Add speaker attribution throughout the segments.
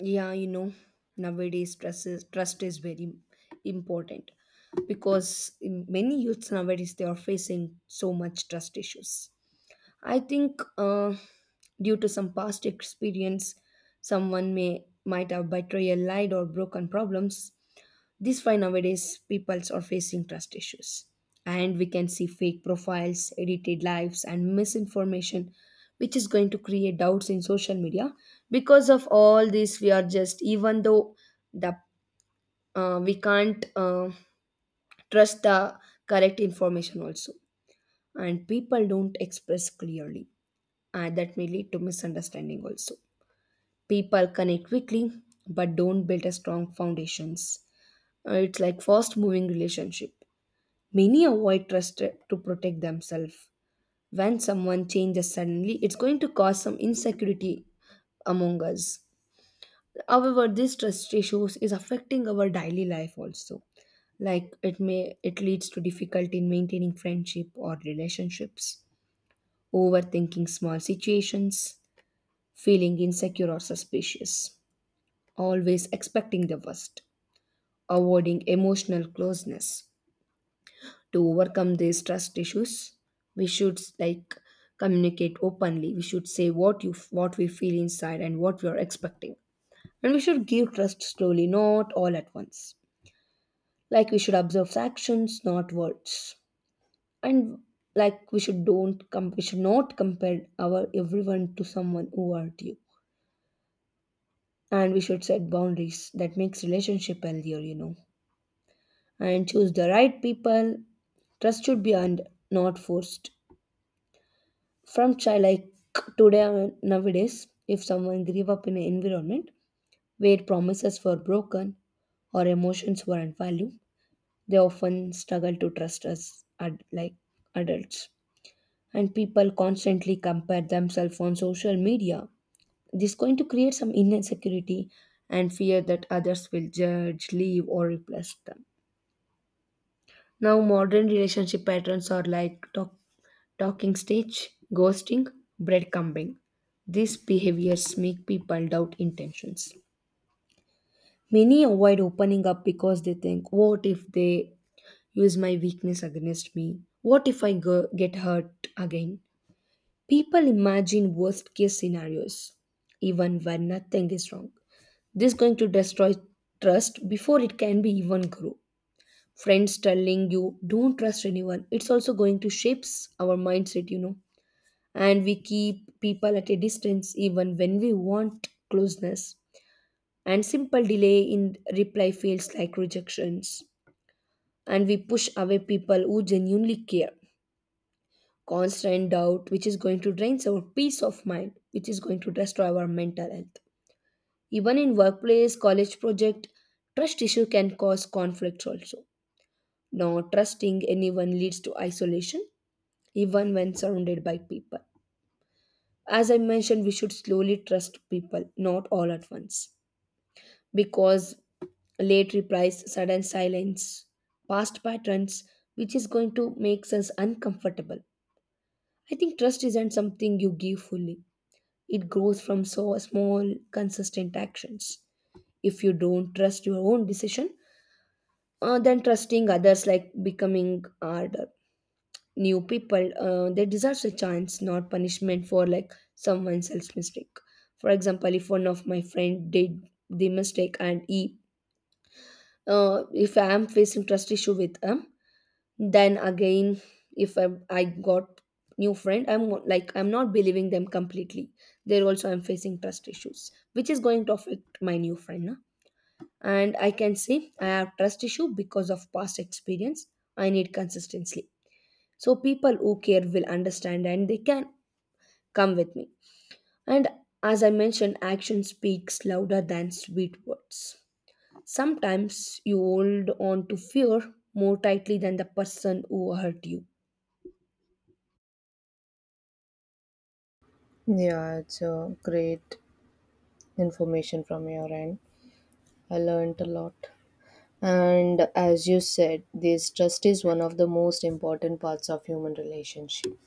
Speaker 1: Yeah, you know, nowadays trust is very important, because in many youths nowadays they are facing so much trust issues. I think due to some past experience, someone may might have betrayal lied or broken problems. This why nowadays peoples are facing trust issues. And we can see fake profiles, edited lives, and misinformation, which is going to create doubts in social media. Because of all this, we are just even though the we can't trust the correct information also, and people don't express clearly, and that may lead to misunderstanding also. People connect quickly, but don't build a strong foundations. It's like fast moving relationship. Many avoid trust to protect themselves. When someone changes suddenly, it's going to cause some insecurity among us. However, this trust issues is affecting our daily life also. Like it leads to difficulty in maintaining friendship or relationships, overthinking small situations, feeling insecure or suspicious, always expecting the worst, avoiding emotional closeness. To overcome these trust issues, we should like communicate openly. We should say what you what we feel inside and what we are expecting, and we should give trust slowly, not all at once. Like we should observe actions, not words, and like we should not compare our everyone to someone who hurt you, and we should set boundaries that makes relationship healthier, you know, and choose the right people. Trust should be earned, not forced. From child, like today nowadays, if someone grew up in an environment where promises were broken or emotions weren't valued, they often struggle to trust like adults. And people constantly compare themselves on social media. This is going to create some inner insecurity and fear that others will judge, leave, or replace them. Now, modern relationship patterns are like talking stage, ghosting, breadcrumbing. These behaviors make people doubt intentions. Many avoid opening up because they think, what if they use my weakness against me? What if I go, get hurt again? People imagine worst case scenarios, even when nothing is wrong. This is going to destroy trust before it can be even grow. Friends telling you don't trust anyone, it's also going to shapes our mindset, you know, and we keep people at a distance even when we want closeness, and simple delay in reply feels like rejections, and we push away people who genuinely care. Constant doubt, which is going to drain our peace of mind, which is going to destroy our mental health. Even in workplace, college project, trust issue can cause conflicts also. Not trusting anyone leads to isolation even when surrounded by people. As I mentioned, we should slowly trust people, not all at once, because late replies, sudden silence, past patterns, which is going to make us uncomfortable. I think trust isn't something you give fully. It grows from so small, consistent actions. If you don't trust your own decision, then trusting others like becoming harder. New people they deserve a chance, not punishment for like someone else's mistake. For example, if one of my friend did the mistake and he if I am facing trust issue with him, then again, if I got new friend, I'm not believing them completely. There also I'm facing trust issues, which is going to affect my new friend, na? And I can say I have trust issue because of past experience. I need consistency, so people who care will understand and they can come with me. And as I mentioned, action speaks louder than sweet words. Sometimes you hold on to fear more tightly than the person who hurt you.
Speaker 2: Yeah, it's a great information from your end. I learned a lot. And as you said, this trust is one of the most important parts of human relationship.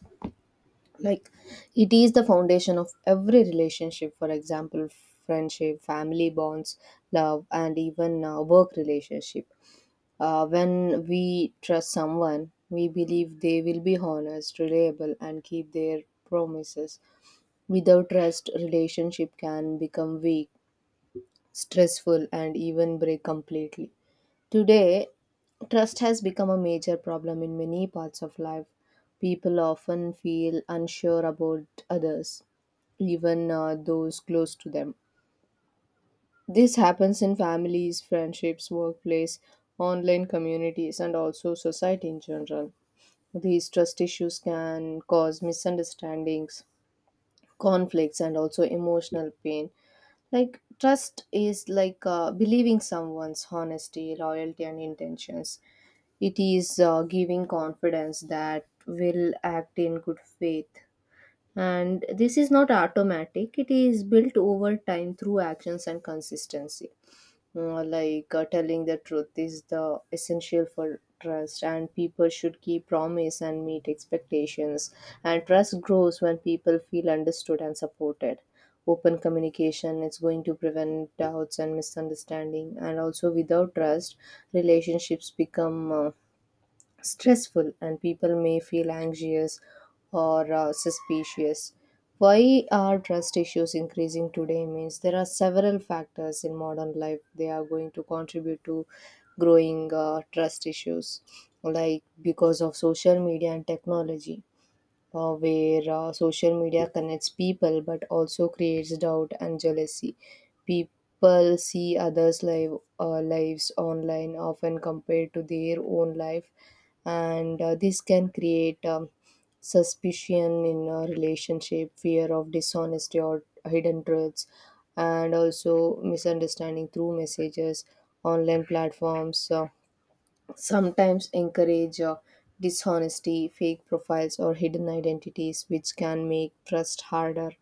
Speaker 2: Like it is the foundation of every relationship, for example, friendship, family bonds, love, and even work relationship. When we trust someone, we believe they will be honest, reliable, and keep their promises. Without trust, relationship can become weak stressful, and even break completely. Today, trust has become a major problem in many parts of life. People often feel unsure about others, even those close to them. This happens in families, friendships, workplace, online communities, and also society in general. These trust issues can cause misunderstandings, conflicts, and also emotional pain. Like trust is like believing someone's honesty, loyalty, and intentions. It is giving confidence that will act in good faith. And this is not automatic, it is built over time through actions and consistency. Telling the truth is the essential for trust, and people should keep promise and meet expectations, and trust grows when people feel understood and supported. Open communication is going to prevent doubts and misunderstanding, and also without trust, relationships become stressful and people may feel anxious or suspicious. Why are trust issues increasing today means there are several factors in modern life they are going to contribute to growing trust issues, like because of social media and technology, where social media connects people but also creates doubt and jealousy. People see others' lives online, often compared to their own life, and this can create suspicion in a relationship, fear of dishonesty or hidden truths, and also misunderstanding through messages, online platforms sometimes encourage dishonesty, fake profiles, or hidden identities, which can make trust harder.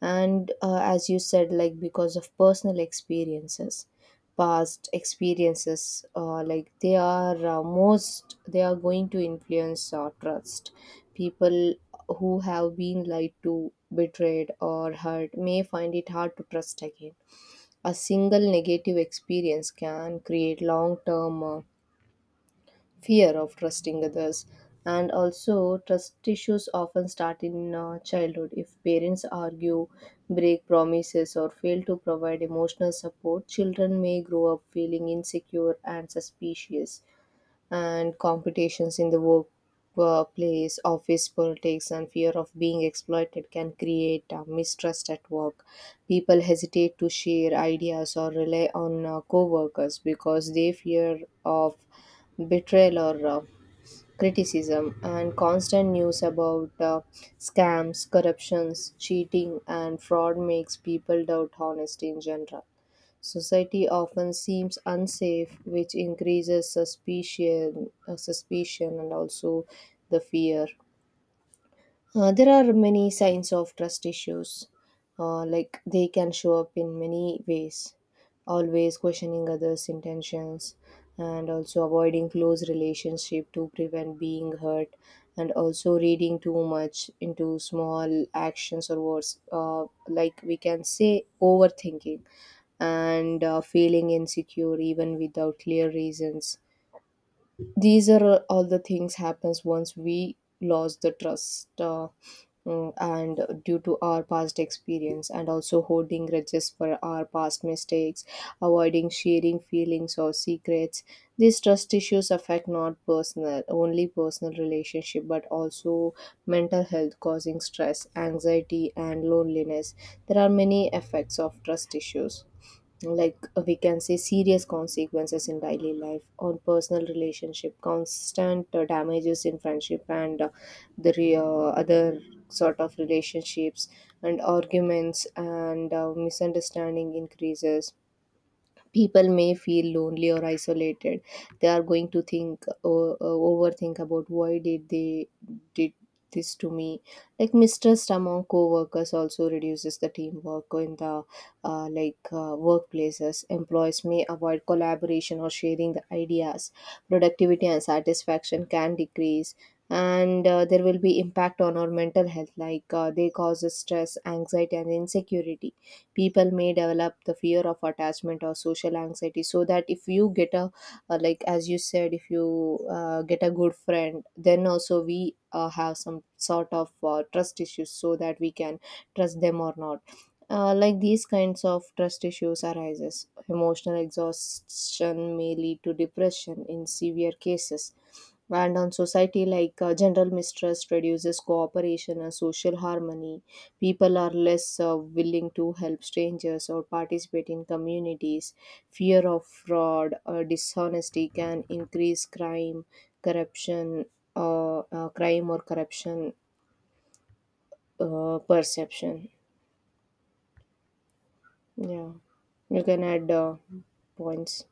Speaker 2: And as you said, like because of personal experiences, past experiences, they are going to influence our trust. People who have been lied to, betrayed, or hurt may find it hard to trust again. A single negative experience can create long term fear of trusting others, and also trust issues often start in childhood. If parents argue, break promises, or fail to provide emotional support, children may grow up feeling insecure and suspicious. And competitions in the workplace, office politics, and fear of being exploited can create mistrust at work. People hesitate to share ideas or rely on co-workers because they fear of betrayal or criticism, and constant news about scams, corruptions, cheating, and fraud makes people doubt honesty in general. Society often seems unsafe, which increases suspicion, and also the fear. There are many signs of trust issues, like they can show up in many ways, always questioning others' intentions, and also avoiding close relationship to prevent being hurt, and also reading too much into small actions or words, like we can say overthinking, and feeling insecure even without clear reasons. These are all the things happens once we lost the trust and due to our past experience, and also holding grudges for our past mistakes, avoiding sharing feelings or secrets. These trust issues affect not personal only personal relationship but also mental health, causing stress, anxiety, and loneliness. There are many effects of trust issues, like we can say serious consequences in daily life on personal relationship, constant damages in friendship, and other sort of relationships, and arguments and misunderstanding increases. People may feel lonely or isolated. They are going to think or overthink about why did they did this to me. Like mistrust among co-workers also reduces the teamwork in the workplaces. Employees may avoid collaboration or sharing the ideas. Productivity and satisfaction can decrease. And there will be impact on our mental health, like they causes stress, anxiety, and insecurity. People may develop the fear of attachment or social anxiety, so that if you get a like as you said, if you get a good friend, then also we have some sort of trust issues, so that we can trust them or not. Like these kinds of trust issues arises emotional exhaustion may lead to depression in severe cases. And on society, like general mistrust reduces cooperation and social harmony. People are less willing to help strangers or participate in communities. Fear of fraud or dishonesty can increase crime, corruption crime or corruption perception. Yeah, you can add points.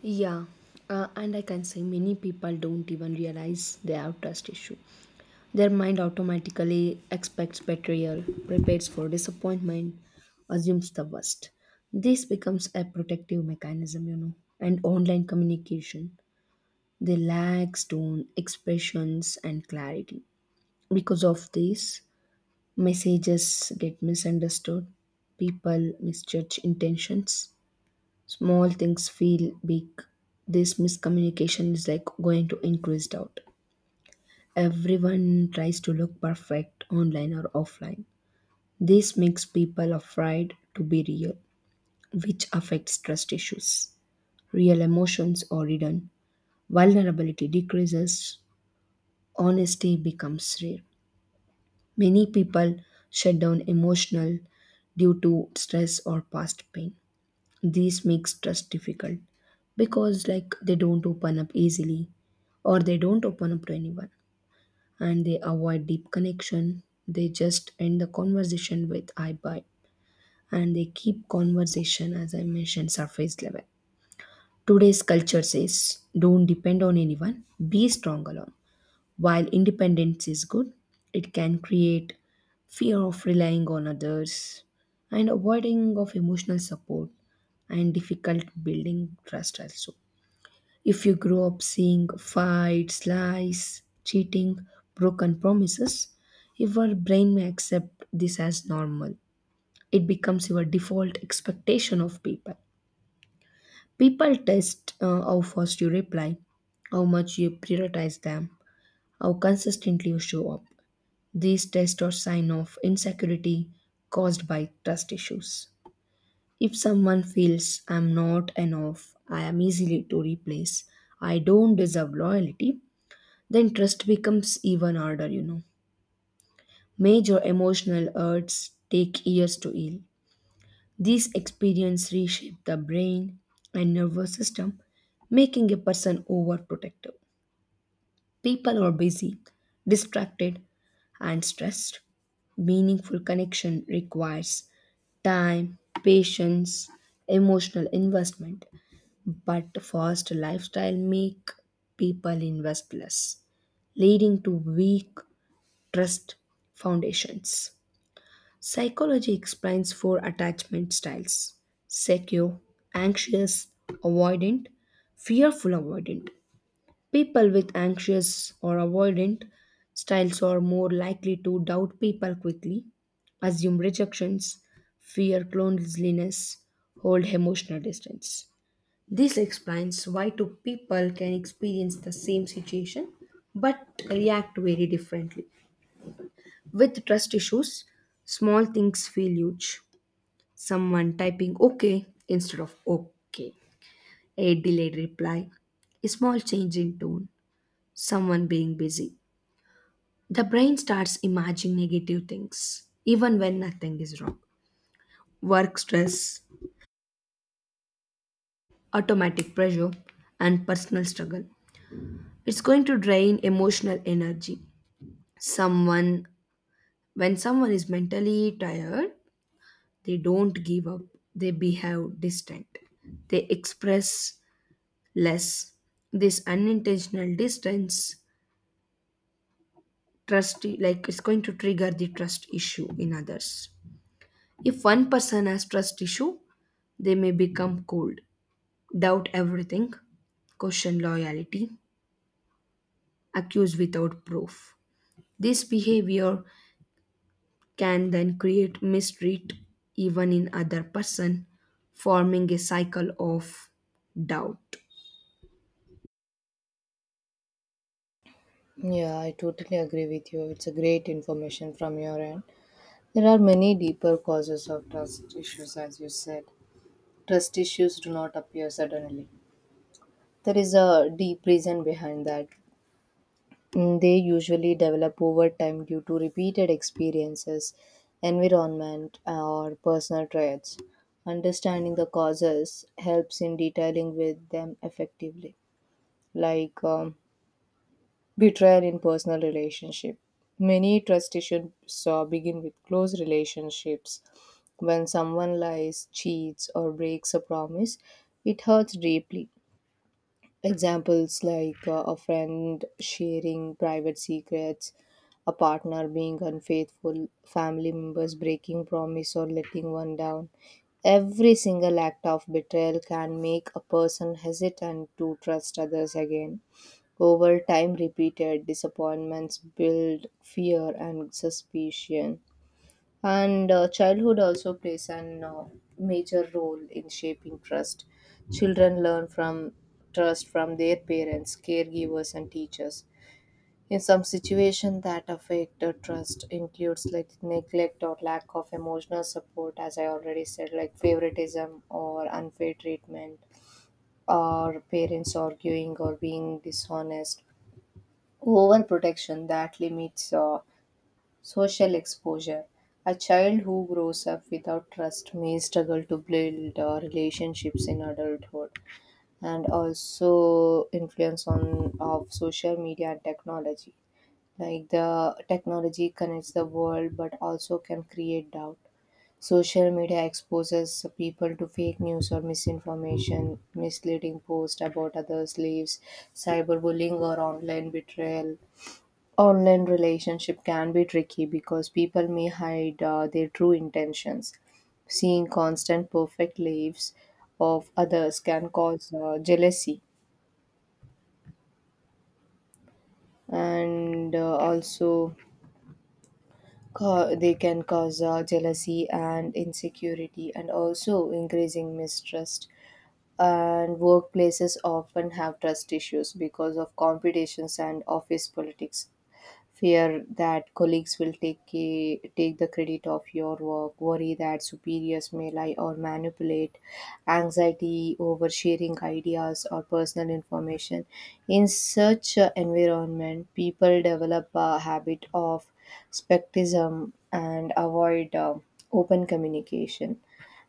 Speaker 1: Yeah, and I can say many people don't even realize they have trust issue. Their mind automatically expects betrayal, prepares for disappointment, assumes the worst. This becomes a protective mechanism, you know. And online communication, they lack tone, expressions, and clarity. Because of this, messages get misunderstood, people misjudge intentions, small things feel big. This miscommunication is like going to increase doubt. Everyone tries to look perfect online or offline. This makes people afraid to be real, which affects trust issues. Real emotions are hidden, vulnerability decreases, honesty becomes rare. Many people shut down emotional due to stress or past pain. This makes trust difficult, because like they don't open up easily, or they don't open up to anyone, and they avoid deep connection. They just end the conversation with I buy, and they keep conversation, as I mentioned, surface level. Today's culture says don't depend on anyone, be strong alone. While independence is good, it can create fear of relying on others, and avoiding of emotional support, and difficult building trust also. If you grow up seeing fights, lies, cheating, broken promises, your brain may accept this as normal. It becomes your default expectation of people. People test how fast you reply, how much you prioritize them, how consistently you show up. These tests are sign of insecurity caused by trust issues. If someone feels I'm not enough, I am easily to replace, I don't deserve loyalty, then trust becomes even harder, you know. Major emotional hurts take years to heal. These experiences reshape the brain and nervous system, making a person overprotective. People are busy, distracted, and stressed. Meaningful connection requires time, patience, emotional investment, but fast lifestyle make people invest less, leading to weak trust foundations. Psychology explains four attachment styles: secure, anxious, avoidant, fearful avoidant. People with anxious or avoidant styles are more likely to doubt people quickly, assume rejections, fear loneliness, hold emotional distance. This explains why two people can experience the same situation but react very differently. With trust issues, small things feel huge. Someone typing okay instead of okay, a delayed reply, a small change in tone, someone being busy. The brain starts imagining negative things, even when nothing is wrong. Work stress, automatic pressure, and personal struggle. It's going to drain emotional energy. Someone, when someone is mentally tired, they don't give up, they behave distant, they express less. This unintentional distance, trust, like it's going to trigger the trust issue in others. If one person has trust issue, they may become cold, doubt everything, question loyalty, accuse without proof. This behavior can then create mistreat even in other person, forming a cycle of doubt.
Speaker 2: Yeah, I totally agree with you. It's a great information from your end. There are many deeper causes of trust issues, as you said. Trust issues do not appear suddenly. There is a deep reason behind that. Mm, they usually develop over time due to repeated experiences, environment, or personal traits. Understanding the causes helps in detailing with them effectively. Like um, Betrayal in personal relationship. Many trust issues begin with close relationships. When someone lies, cheats, or breaks a promise, it hurts deeply. Examples like a friend sharing private secrets, a partner being unfaithful, family members breaking promise or letting one down. Every single act of betrayal can make a person hesitant to trust others again. Over time, repeated disappointments build fear and suspicion. And childhood also plays an major role in shaping trust. Children learn from trust from their parents, caregivers, and teachers. In some situations that affect trust includes like neglect or lack of emotional support, as I already said, like favoritism or unfair treatment, or parents arguing or being dishonest. Overprotection that limits social exposure. A child who grows up without trust may struggle to build relationships in adulthood, and also influence on of social media and technology. Like the technology connects the world but also can create doubt. Social media exposes people to fake news or misinformation, misleading posts about others' lives, cyberbullying or online betrayal. Online relationship can be tricky because people may hide their true intentions. Seeing constant perfect lives of others can cause jealousy, and also ca- they can cause jealousy and insecurity, and also increasing mistrust. And workplaces often have trust issues because of competitions and office politics, fear that colleagues will take the credit of your work, worry that superiors may lie or manipulate, anxiety over sharing ideas or personal information. In such a environment, people develop a habit of skepticism and avoid open communication.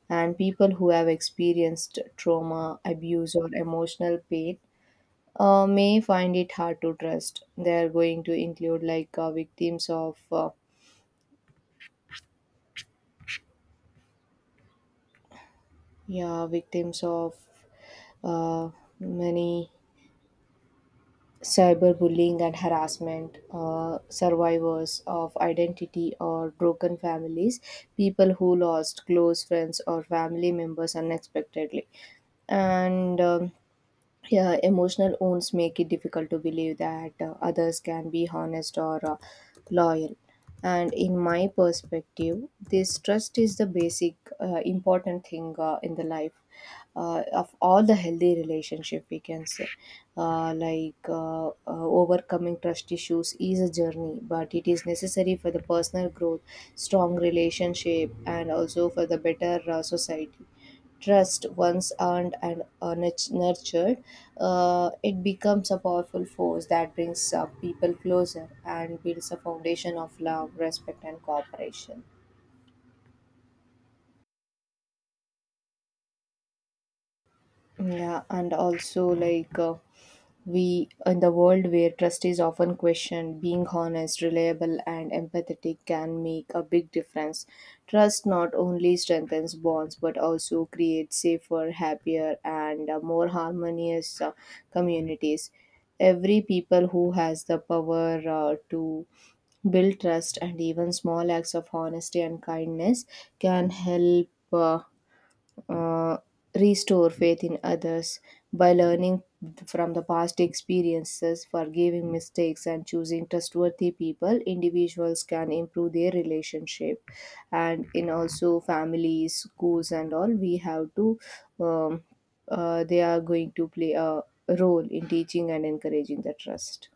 Speaker 2: And people who have experienced trauma, abuse, or emotional pain may find it hard to trust. They are going to include like victims of uh, many cyberbullying and harassment, survivors of identity or broken families, people who lost close friends or family members unexpectedly, and. Yeah, emotional wounds make it difficult to believe that others can be honest or loyal. And in my perspective, this trust is the basic important thing in the life of all the healthy relationship. We can say, overcoming trust issues is a journey, but it is necessary for the personal growth, strong relationship, and also for the better society. Trust once earned and nurtured, it becomes a powerful force that brings people closer and builds a foundation of love, respect, and cooperation. Yeah, and also we in the world where trust is often questioned, being honest, reliable, and empathetic can make a big difference. Trust not only strengthens bonds but also creates safer, happier, and more harmonious communities. Every people who has the power to build trust, and even small acts of honesty and kindness can help uh, restore faith in others. By learning from the past experiences, forgiving mistakes, and choosing trustworthy people, individuals can improve their relationship. And in also families, schools, and all, we have to, um, they are going to play a role in teaching and encouraging the trust.